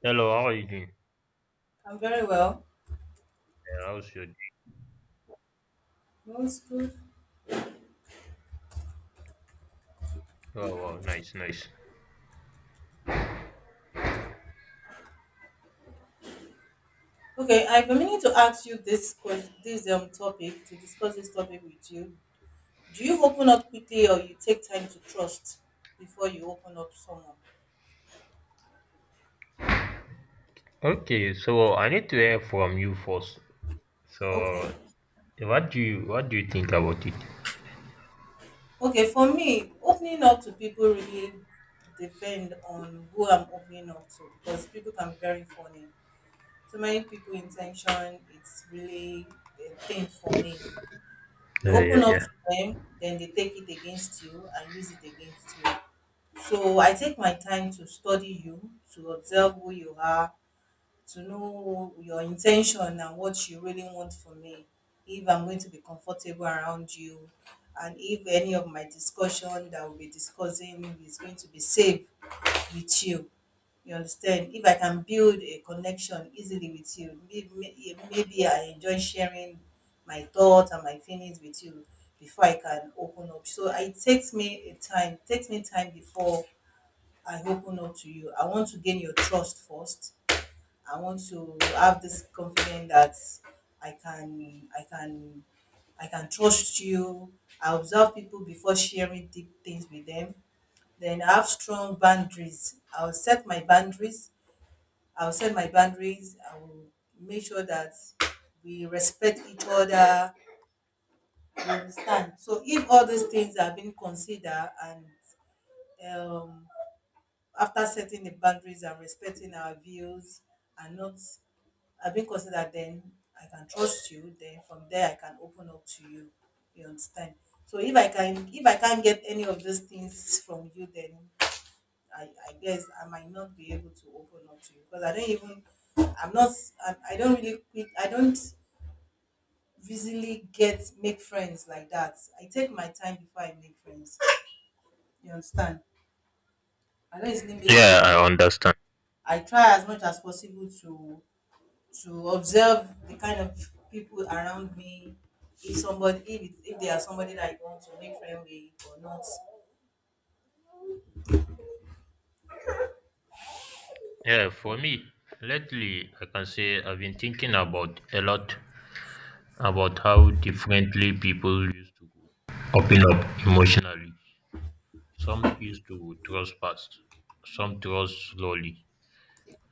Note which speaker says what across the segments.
Speaker 1: Hello, how are you doing?
Speaker 2: I'm very well.
Speaker 1: Yeah, how's your day?
Speaker 2: That's good.
Speaker 1: Oh, wow, nice, nice.
Speaker 2: Okay, I've been meaning to ask you this question, this topic to discuss this topic with you. Do you open up quickly or you take time to trust before you open up someone?
Speaker 1: Okay, so I need to hear from you first.
Speaker 2: Okay.
Speaker 1: So, what do you think about it?
Speaker 2: Okay, for me, opening up to people really depend on who I'm opening up to because people can be very funny. So many people intention, it's really a thing for me. You
Speaker 1: Yeah, yeah,
Speaker 2: open up
Speaker 1: yeah.
Speaker 2: to them, then they take it against you and use it against you. So I take my time to study you, to observe who you are, to know your intention and what you really want from me. If I'm going to be comfortable around you, and if any of my discussion that we'll be discussing is going to be safe with you. You understand? If I can build a connection easily with you, maybe I enjoy sharing my thoughts and my feelings with you before I can open up. So it takes me a time, takes me time before I open up to you. I want to gain your trust first. I want to have this confidence that I can I can I can trust you. I observe people before sharing deep things with them. Then I have strong boundaries. I'll set my boundaries. I will make sure that we respect each other. You understand? So if all these things are being considered and um after setting the boundaries and respecting our views and not I've been considered, then I can trust you. Then from there I can open up to you. You understand? So if I can't get any of those things from you, then I guess I might not be able to open up to you. Because I don't even, I'm not, I don't really quick, I don't easily get make friends like that. I take my time before I make friends. You understand? I don't easily make
Speaker 1: Yeah,
Speaker 2: friends like
Speaker 1: I understand.
Speaker 2: I try as much as possible to observe the kind of people around me, if somebody, if they are somebody that I want to make friend with or not.
Speaker 1: Yeah, for me, lately, I can say I've been thinking about a lot about how differently people used to open up emotionally. Some used to trust fast, some trust slowly,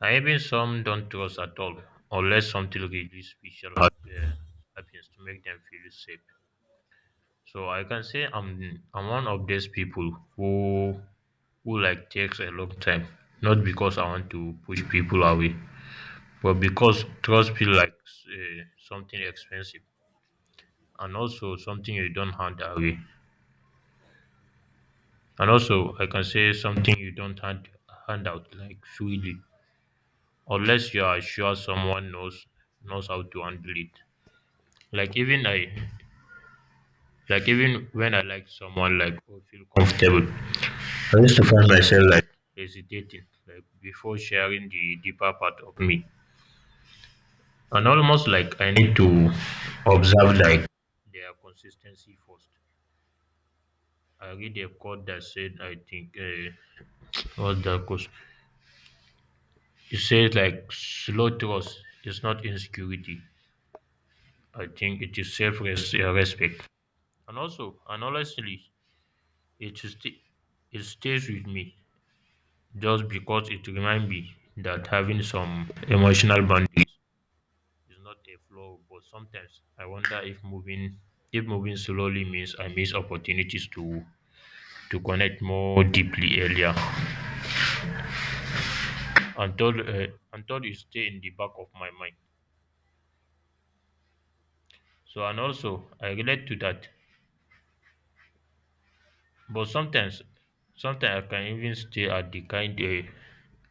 Speaker 1: and even some don't trust at all unless something really special happens to make them feel safe. So I can say I'm one of those people who who like takes a long time, not because I want to push people away, but because trust feels like something expensive and also something you don't hand away. And also I can say something you don't hand out like freely unless you are sure someone knows how to handle it. Like even I like even when I like someone like or feel comfortable, I used to find myself like hesitating like before sharing the deeper part of me. And almost like I need to observe like their consistency first. I read a quote that said I think what's that quote? It says like slow trust is not insecurity. I think it is self respect. And also and honestly it sti- it stays with me just because it reminds me that having some emotional boundaries is not a flaw, but sometimes I wonder if moving slowly means I miss opportunities to connect more deeply earlier, until uh, until it stay in the back of my mind. So and also I relate to that, but sometimes I can even stay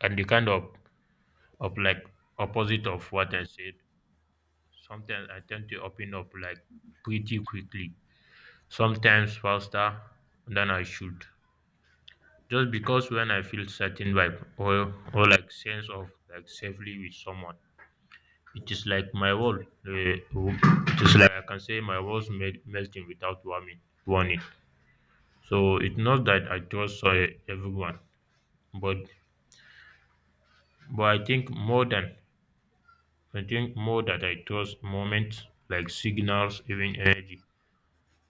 Speaker 1: at the kind of like opposite of what I said. Sometimes I tend to open up like pretty quickly, sometimes faster than I should, just because when I feel certain vibe or like sense of like safely with someone, it is like my world. It is like I can say my melting without warning. So it's not that I trust everyone, but I think more that I trust moments like signals, even energy.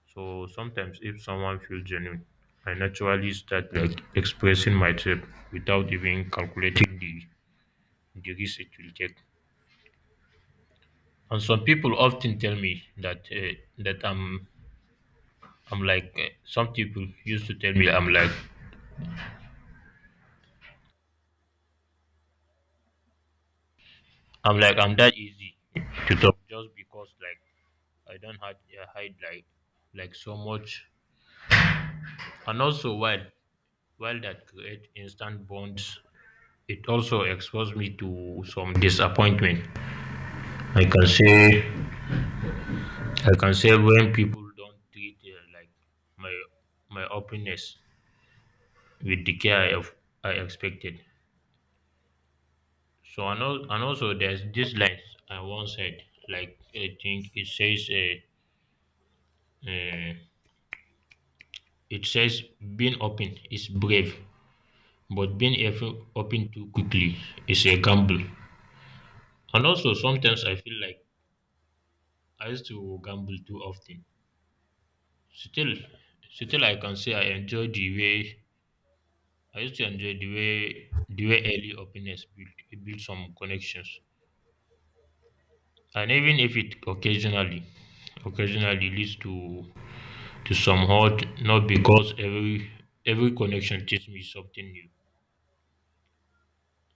Speaker 1: So sometimes if someone feels genuine, I naturally start like expressing myself without even calculating the risk it will take. And some people often tell me that that I'm like some people used to tell me I'm that easy to talk just because like I don't hide like so much. And also while that create instant bonds, it also exposed me to some disappointment. I can say I can say when people don't treat like my openness with the care I expected. So and also there's this line I once said, like I think uh, it says being open is brave, but being open too quickly is a gamble. And also sometimes I feel like I used to gamble too often. Still, Still I can say I enjoy the way the way early openness built some connections. And even if it occasionally leads to some hurt, not because every connection teaches me something new.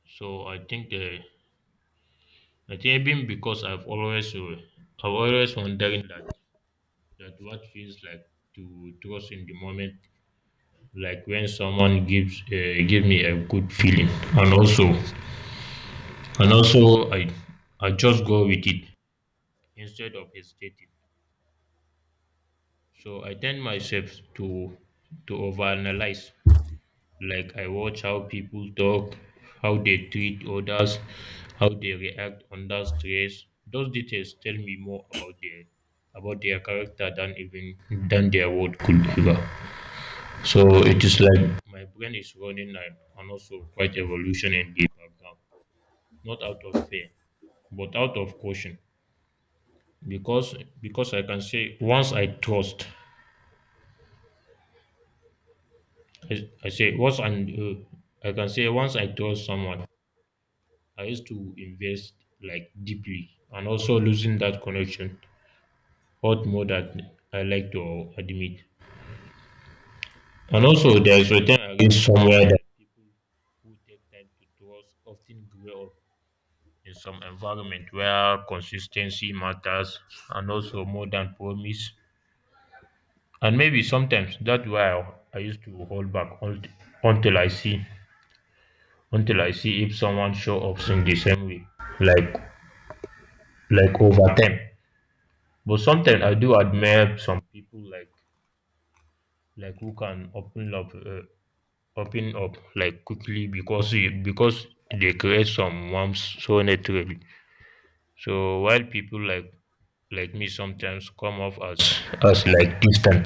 Speaker 1: So I think even because I've always wondering that what feels like to trust in the moment, like when someone give me a good feeling, and also and also I just go with it instead of hesitating. So I tend myself to overanalyze. Like I watch how people talk, how they treat others, how they react under stress. Those details tell me more about their character than their word could ever. So it is like my brain is running and also quite evolution in the background. Not out of fear, but out of caution. Because because I can say once I trust, I say once and I can say once I trust someone, I used to invest like deeply, and also losing that connection hurt more than I like to admit. And also, there's a time I read somewhere that people take time to trust often grow up in some environment where consistency matters, and also more than promise. And maybe sometimes that's why I used to hold back until I see if someone show up in the same way like like over time. But sometimes I do admire some people like who can open up like quickly because because they create some warmth so naturally. So while people like me sometimes come off as like distant,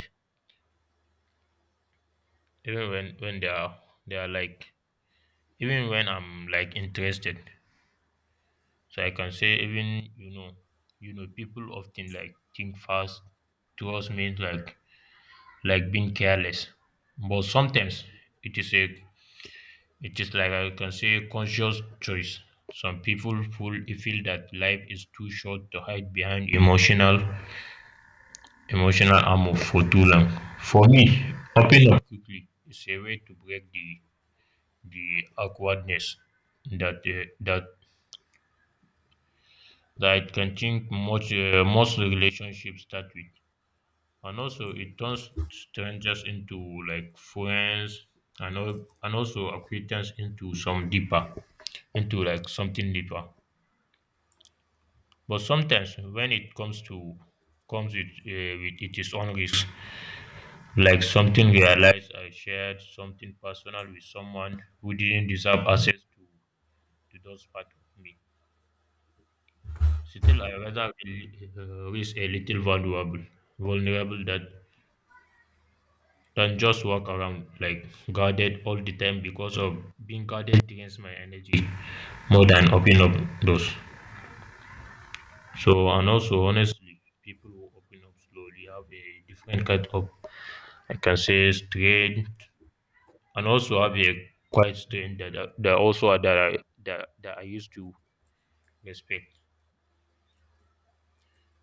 Speaker 1: even when they are like even when I'm like interested. So I can say even people often like think fast. Trust means like being careless, but sometimes it is a it is like I can say a conscious choice. Some people feel that life is too short to hide behind emotional armor for too long. For me, opening up quickly is a way to break the awkwardness that uh, that that I can think most most relationships start with. And also it turns strangers into like friends, and also acquaintance into some deeper, into like something deeper. But sometimes when it comes to comes with it is own risk, like something realized I shared something personal with someone who didn't deserve access to those part of me. Still I rather risk a little valuable vulnerable that than just walk around like guarded all the time, because of being guarded drains my energy more than open up doors. So and also honestly, people who open up slowly have a different kind of I can say strength, and also have a quiet strength that I- that also are- that I, that that I used to respect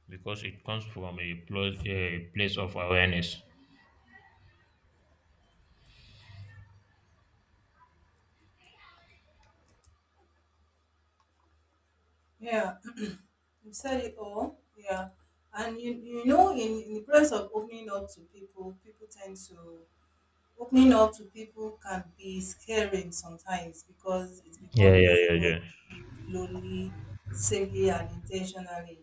Speaker 1: because it comes from a place of awareness.
Speaker 2: Yeah. You said it all. Yeah, and you know in, the process of opening up to people, people tend to, opening up to people can be scaring sometimes, because it's become
Speaker 1: Yeah, yeah,
Speaker 2: easy
Speaker 1: yeah,
Speaker 2: when you
Speaker 1: yeah.
Speaker 2: do it slowly, safely and intentionally,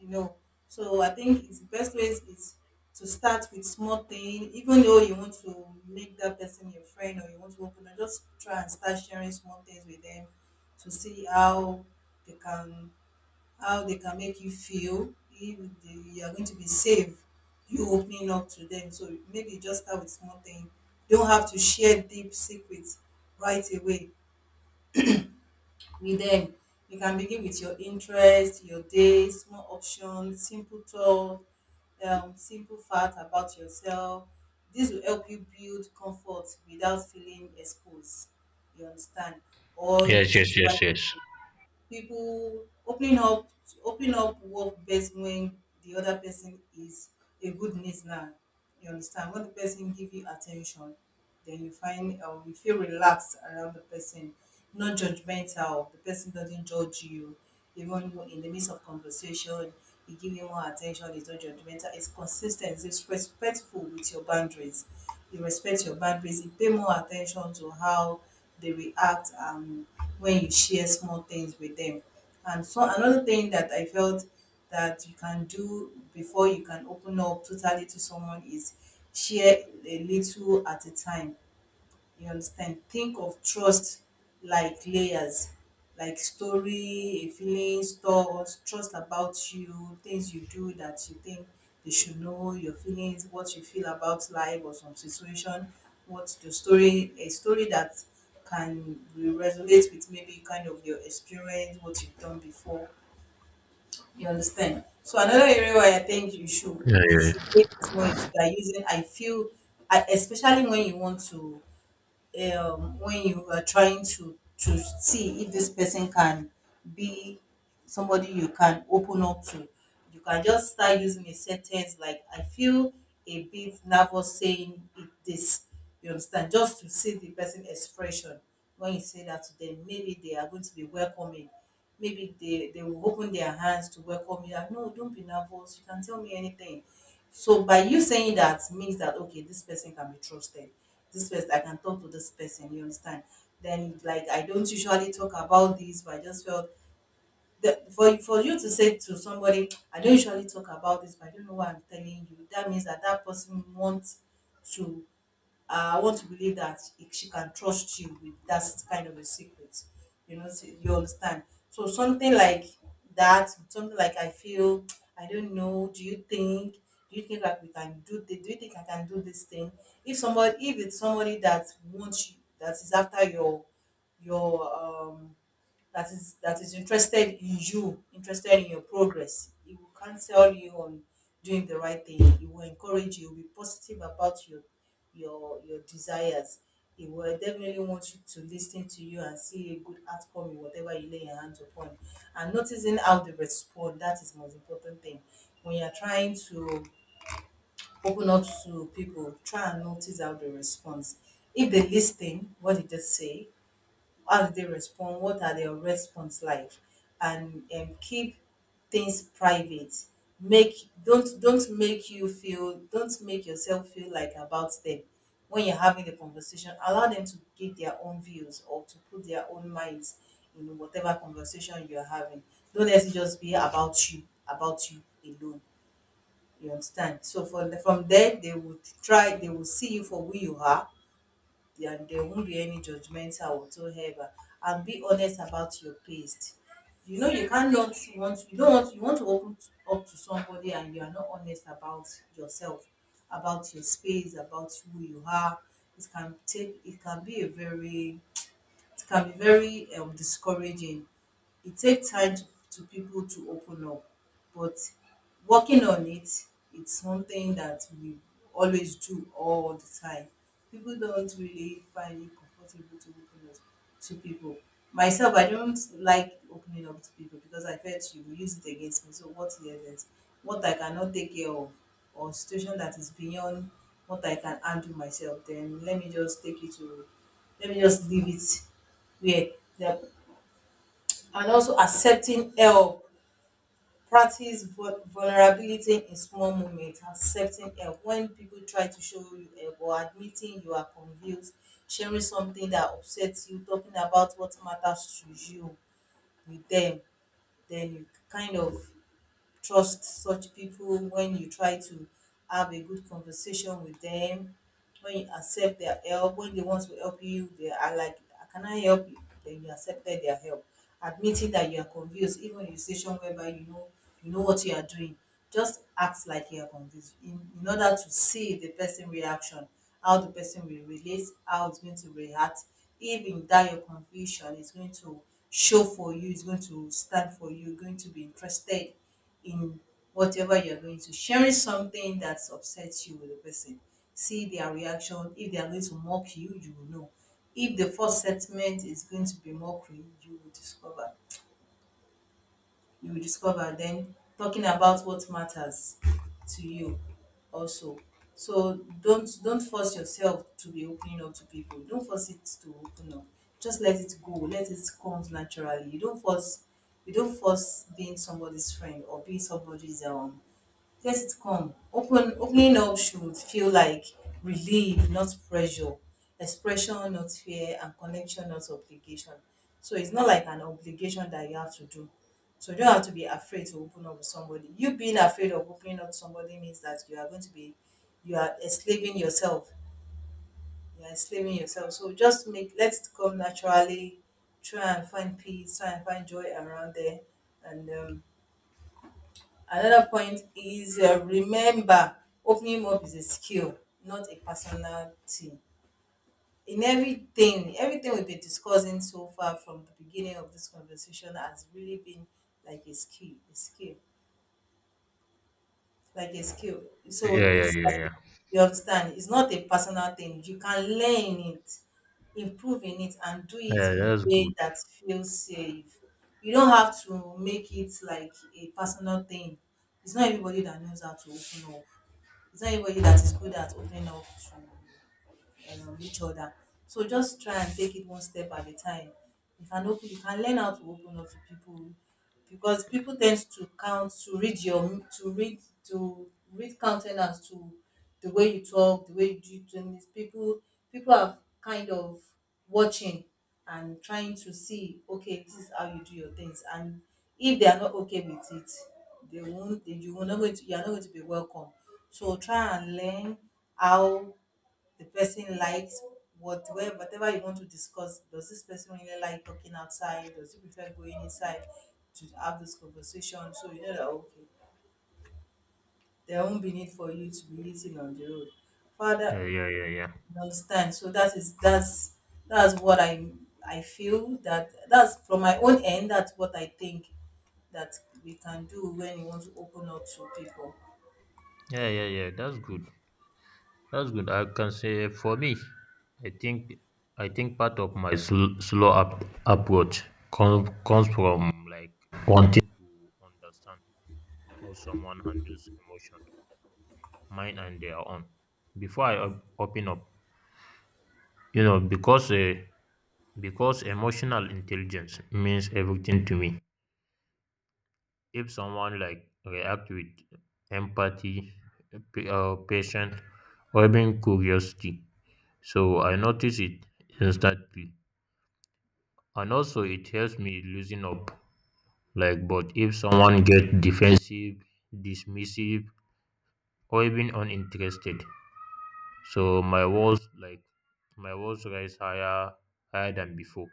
Speaker 2: you know. So I think it's the best ways is to start with small thing. Even though you want to make that person your friend or you want to open up, just try and start sharing small things with them to see they can how they can make you feel, if they, you are going to be safe you opening up to them. So maybe just start with small thing. You don't have to share deep secrets right away with them. You can begin with your interest, your day, small options, simple talk, simple fact about yourself. This will help you build comfort without feeling exposed. You understand? Or you
Speaker 1: Yes,
Speaker 2: choose
Speaker 1: yes,
Speaker 2: the right
Speaker 1: yes, yes.
Speaker 2: people. people opening up Opening up work best when the other person is a good listener. You understand? When the person give you attention, then you find you feel relaxed around the person, not judgmental, the person doesn't judge you, even in the midst of conversation, you give him more attention, he's not judgmental, it's consistent, it's respectful with your boundaries. You respect your boundaries, you pay more attention to how they react when you share small things with them. And so another thing that I felt that you can do before you can open up totally to someone is share a little at a time. You understand? Think of trust like layers, like story, a feeling, thoughts, trust about you, things you do that you think they should know, your feelings, what you feel about life or some situation, what's the story, a story that can resonate with maybe kind of your experience, what you've done before. You understand? So another area where I think
Speaker 1: Yeah,
Speaker 2: you
Speaker 1: yeah,
Speaker 2: should take it more is by using I feel, I, especially when you want to, when you are trying to see if this person can be somebody you can open up to. You can just start using a sentence like, I feel a bit nervous saying it this. You understand? Just to see the person expression when you say that to them. Maybe they are going to be welcoming. Maybe they will open their hands to welcome you. Like, no, don't be nervous. You can tell me anything. So by you saying that means that okay, this person can be trusted. This person I can talk to this person. You understand? Then like, I don't usually talk about this, but I just felt that for you to say to somebody, I don't usually talk about this, but I don't know why I'm telling you. That means that that person wants to, I want to believe that he- she can trust you with that kind of a secret. You know, so you understand. So something like that, something like I feel, I don't know. Do you think? Do you think that we can do this? Do you think I can do this thing? If somebody, if it's somebody that wants you, that is after your, um that is interested in you, interested in your progress. He will counsel you on doing the right thing. He will encourage you. He will be positive about your desires. He will definitely want you to listen to you and see a good outcome in whatever you lay your hands upon. And noticing how they respond, that is the most important thing. When you're trying to open up to people, try and notice how they respond. If they listen, what did they say? How do they respond, what are their response like, and keep things private. Make, don't make you feel, don't make yourself feel like about them when you're having the conversation. Allow them to give their own views or to put their own minds in whatever conversation you're having. Don't let it just be about you alone. You understand? So from there, they would try, they will see you for who you are, and there won't be any judgmental whatsoever. And be honest about your past. You know, you cannot want, you don't want, you want to open t- up to somebody and you are not honest about yourself, about your space, about who you are. It can be a very, it can be very, discouraging. It takes time to people to open up, but working on it, it's something that we always do all the time. People don't really find it comfortable to open up to people. Myself, I don't like opening up to people because I felt you will use it against me. So what is it? What I cannot take care of or situation that is beyond what I can handle myself, then let me just leave it where the, and also accepting help, practice vulnerability in small moments, accepting help when people try to show you help, or admitting you are confused, sharing something that upsets you, talking about what matters to you with them. Then you kind of trust such people when you try to have a good conversation with them, when you accept their help. When they want to help you, they are like, can I help you? Then you accepted their help. Admitting that you are confused, even in a situation whereby you know, you know what you are doing, just act like you are confused in order to see the person reaction, how the person will relate, how it's going to react. If in that your confusion is going to show for you, it's going to stand for you, going to be interested in whatever you're going to. Sharing something that upsets you with the person. See their reaction. If they are going to mock you, you will know. If the first sentiment is going to be mockery, you will discover. You will discover. Then talking about what matters to you also. So don't force yourself to be opening up to people. Don't force it to open up. Just let it go. Let it come naturally. You don't force being somebody's friend or being somebody's let it come. Opening up should feel like relief, not pressure. Expression, not fear, and connection, not obligation. So it's not like an obligation that you have to do. So you don't have to be afraid to open up with somebody. You being afraid of opening up to somebody means that you are going to be you are enslaving yourself. You are enslaving yourself. So just make let it come naturally. Try and find peace, try and find joy around there. And Another point is, remember opening up is a skill, not a personal thing. In everything, everything we've been discussing so far from the beginning of this conversation has really been like a skill, like a skill.
Speaker 1: yeah,
Speaker 2: So
Speaker 1: yeah, yeah,
Speaker 2: it's
Speaker 1: yeah,
Speaker 2: like,
Speaker 1: yeah.
Speaker 2: you understand, it's not a personal thing. You can learn it, improve in it, and do it
Speaker 1: Yeah,
Speaker 2: in a
Speaker 1: that's
Speaker 2: way
Speaker 1: good.
Speaker 2: that feels safe. You don't have to make it like a personal thing. It's not everybody that knows how to open up. Is there anybody that is good at opening up to, each other? So just try and take it one step at a time. You can open, you can learn how to open up to people because people tend to count to read your to read countenance to the way you talk, the way you do things. People are kind of watching and trying to see, okay, this is how you do your things, and if they are not okay with it they won't they, you will not going to you are not going to be welcome. So try and learn how the person likes whatever whatever you want to discuss. Does this person really like talking outside? Does he prefer going inside to have this conversation? So you know that, okay, there won't be need for you to be eating on the road. Father,
Speaker 1: Yeah, yeah, yeah, yeah,
Speaker 2: you understand. So that is that's what I feel that that's from my own end. That's what I think that we can do when you want to open up to people.
Speaker 1: yeah, yeah, yeah. That's good. That's good. I can say for me, I think, I think part of my slow approach comes from like wanting to understand how someone handles emotion, mine and their own, before I open up. You know, because emotional intelligence means everything to me. If someone like react with empathy, patience, or even curiosity, so I notice it instantly. And also it helps me loosen up. Like, but if someone get defensive, dismissive, or even uninterested, so my walls my walls rise higher than before.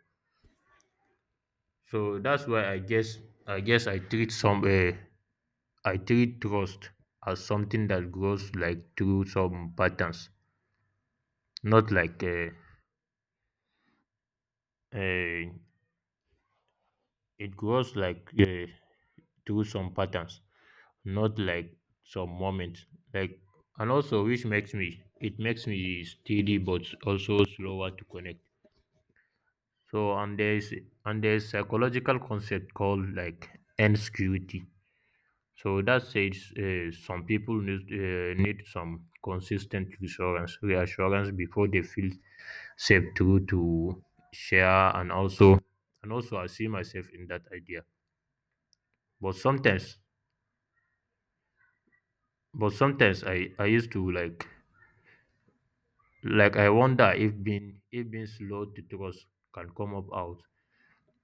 Speaker 1: So that's why I guess I treat some I treat trust as something that grows like through some patterns. Not like uh, it grows like through some patterns, not like some moments. Like and also which makes me it makes me steady but also slower to connect. So and there's psychological concept called like insecurity. So that says some people need some consistent reassurance before they feel safe to share, and also I see myself in that idea. But sometimes but sometimes I used to like I wonder if being slow to trust can come up out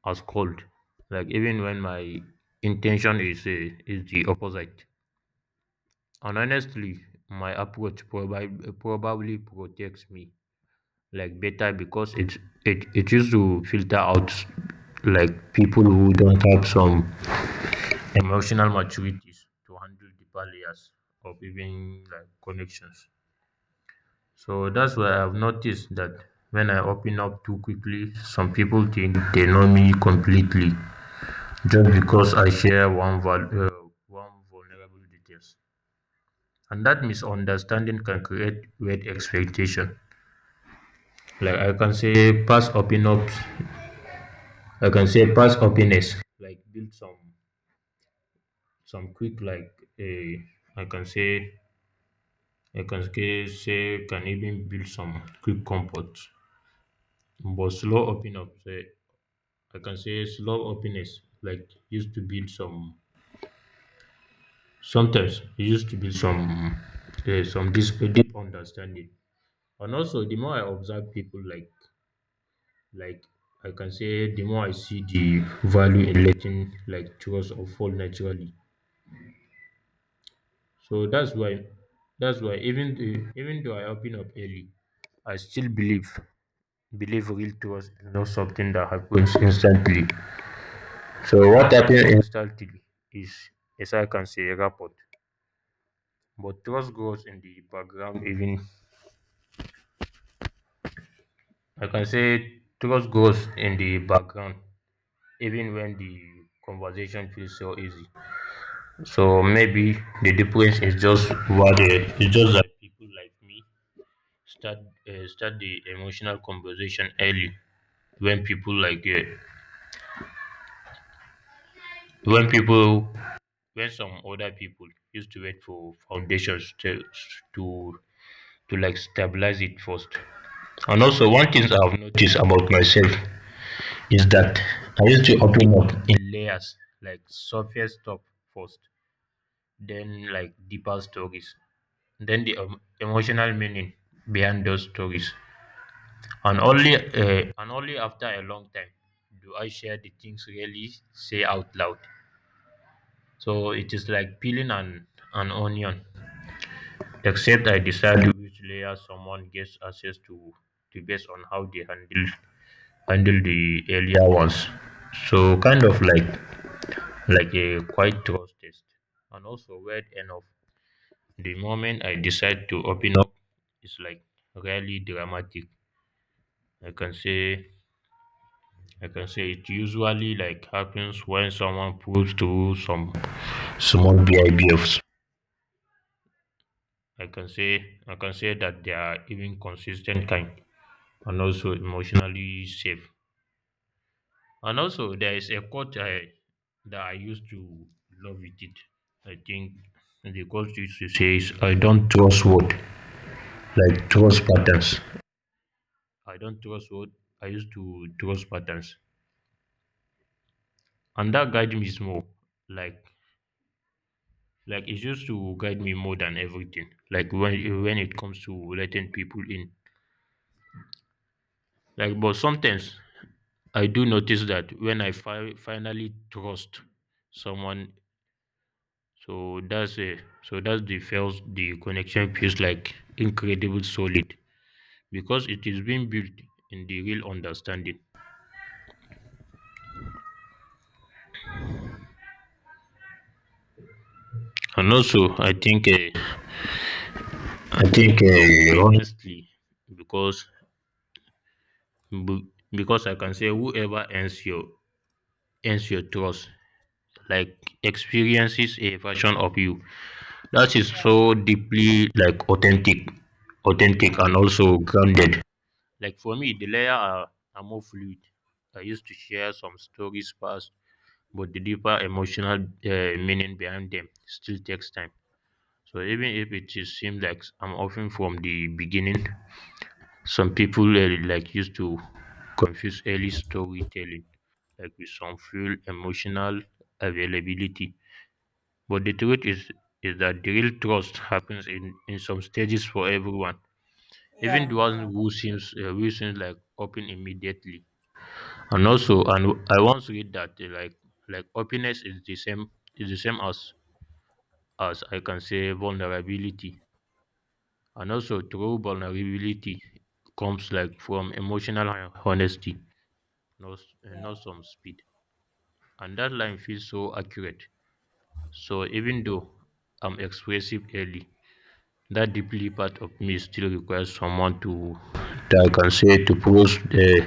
Speaker 1: as cold, like even when my intention is the opposite. And honestly, my approach probably protects me like better because it used to filter out like people who don't have some emotional maturities to handle deeper layers of even like connections. So that's why I've noticed that when I open up too quickly, some people think they know me completely just because I share one vulnerable details. And that misunderstanding can create weird expectation. Like I can say past open ups, I can say past openness. Like build some quick, like a, I can say, can even build some quick comfort. But slow open up say, I can say slow openness, like used to build some, sometimes it used to build some deep understanding. And also the more I observe people like I can say the more I see the value in letting like trust or fall naturally. So that's why even even though I open up early, I still believe real trust is not something that happens instantly. So what happens instantly is, as I can say, rapport. But trust grows in the background, even I can say trust grows in the background even when the conversation feels so easy. So maybe the difference is just what it's just that people like me start start the emotional conversation early when people like when people when some other people used to wait for foundations to to to like stabilize it first. And also one thing I've noticed about myself is that I used to open up in layers, like surface stuff first, then like deeper stories, then the emotional meaning behind those stories, and only after a long time do I share the things really say out loud. So it is like peeling an onion, except I decide which layer someone gets access to, based on how they handle the earlier ones. So Like a quiet trust test. And also, weird enough, the moment I decide to open up, it's like really dramatic. I can say I can say it usually like happens when someone proves through some small behaviors. I can say that they are even consistent kind and also emotionally safe. And also there is a quote I that I used to love with it. I think the quote used to say is I don't trust word, like trust patterns. I don't trust what I used to trust patterns, and that guide me more. Like like it used to guide me more than everything. Like when it comes to letting people in. Like but sometimes I do notice that when I finally trust someone, so that's the connection feels like incredible solid because it is being built in the real understanding. And also I think. I think honestly, because be- because I can say whoever earns your trust, like experiences a version of you that is
Speaker 2: Yeah,
Speaker 1: so deeply like authentic, authentic
Speaker 2: yeah,
Speaker 1: and also grounded. Like for me, the layer are more fluid. I used to share some stories past, but the deeper emotional meaning behind them still takes time. So even if it is seems like I'm often from the beginning, some people like used to confuse early storytelling like with some full emotional availability, but the truth is that the real trust happens in some stages for everyone, even
Speaker 2: yeah,
Speaker 1: the one
Speaker 2: yeah,
Speaker 1: who seems like open immediately. And also, and I once read that like openness is the same as I can say vulnerability, and also true vulnerability comes like from emotional honesty
Speaker 2: yeah,
Speaker 1: not some speed. And that line feels so accurate. So even though I'm expressive early, that deeply part of me still requires someone to that I can say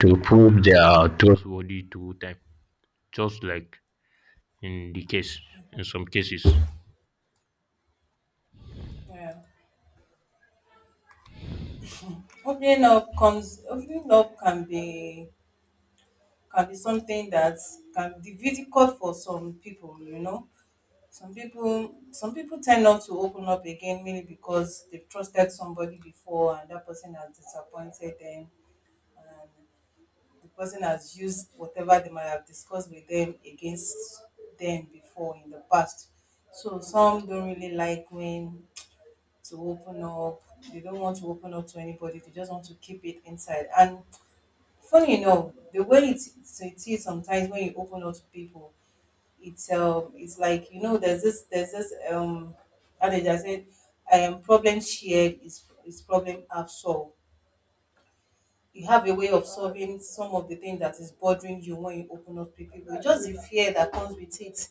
Speaker 1: to prove they are trustworthy to time. Just like in the case in some cases.
Speaker 2: yeah. Opening up comes opening up can be something that can be difficult for some people, you know. Some people tend not to open up again, mainly because they've trusted somebody before and that person has disappointed them, and the person has used whatever they might have discussed with them against them before in the past. So some don't really like when to open up. They don't want to open up to anybody. They just want to keep it inside. And funny enough, the way it, so it is, sometimes when you open up to people, it's, it's like, you know, there's this, there's this adage I said, problem shared is problem half solved. You have a way of solving some of the things that is bothering you when you open up to people. It's just the fear that comes with it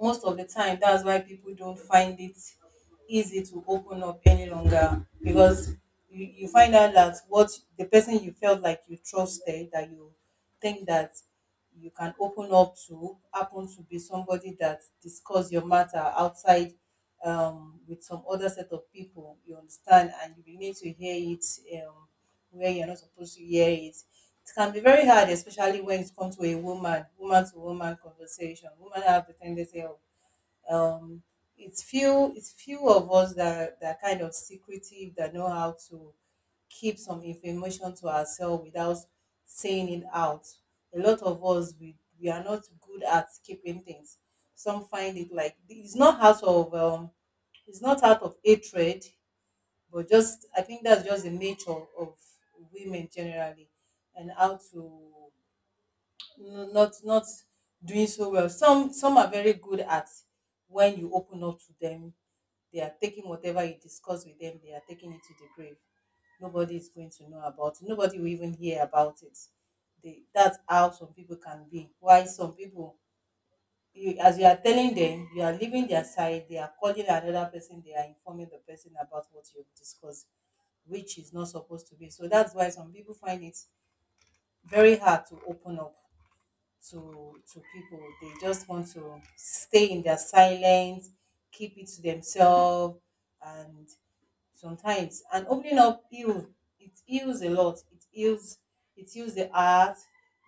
Speaker 2: most of the time, that's why people don't find it easy to open up any longer, because you find out that what the person you felt like you trusted that you think that you can open up to happen to be somebody that discuss your matter outside, with some other set of people, you understand, and you begin to hear it um, where you're not supposed to hear it. It can be very hard, especially when it comes to a woman, woman to woman conversation. Women have the tendency of, um, it's few of us that that are kind of secretive, that know how to keep some information to ourselves without saying it out. A lot of us we are not good at keeping things. Some find it like, it's not out of, it's not out of hatred, but just I think that's just the nature of women generally. And how to not not doing so well. Some are very good at when you open up to them, they are taking whatever you discuss with them, they are taking it to the grave. Nobody is going to know about it, nobody will even hear about it. They, that's how some people can be. Why some people, you, as you are telling them you are leaving their side, they are calling another person, they are informing the person about what you've discussed, which is not supposed to be. So that's why some people find it very hard to open up to people. They just want to stay in their silence, keep it to themselves, and sometimes and opening up heal it heals a lot. It heals the heart.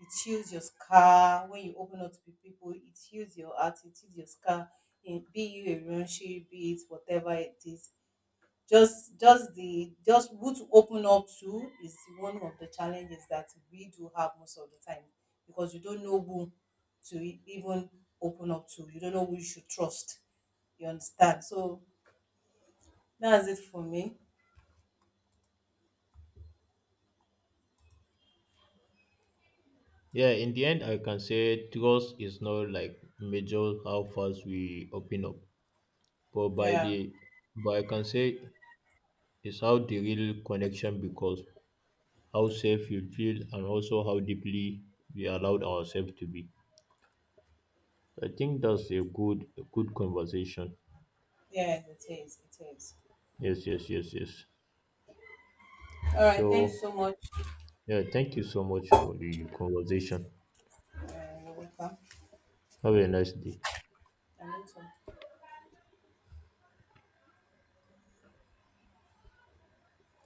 Speaker 2: It heals your scar when you open up to people. It heals your heart. It heals your scar. In, be you a relationship, be it whatever it is, just the just who to open up to is one of the challenges that we do have most of the time, because you don't know who to even open up to, you don't know who you should trust, you understand. So that's it for me.
Speaker 1: Yeah, in the end, I can say trust is not like measure how fast we open up, but by
Speaker 2: Yeah,
Speaker 1: the, but I can say it's how the real connection becomes how safe you feel, and also how deeply we allowed ourselves to be. I think that's a good conversation.
Speaker 2: yeah it is, it is.
Speaker 1: Yes, yes, yes, yes.
Speaker 2: All right, thanks
Speaker 1: So
Speaker 2: so much.
Speaker 1: yeah, thank you so much for the conversation.
Speaker 2: uh, you're welcome.
Speaker 1: Have a nice day.
Speaker 2: I need to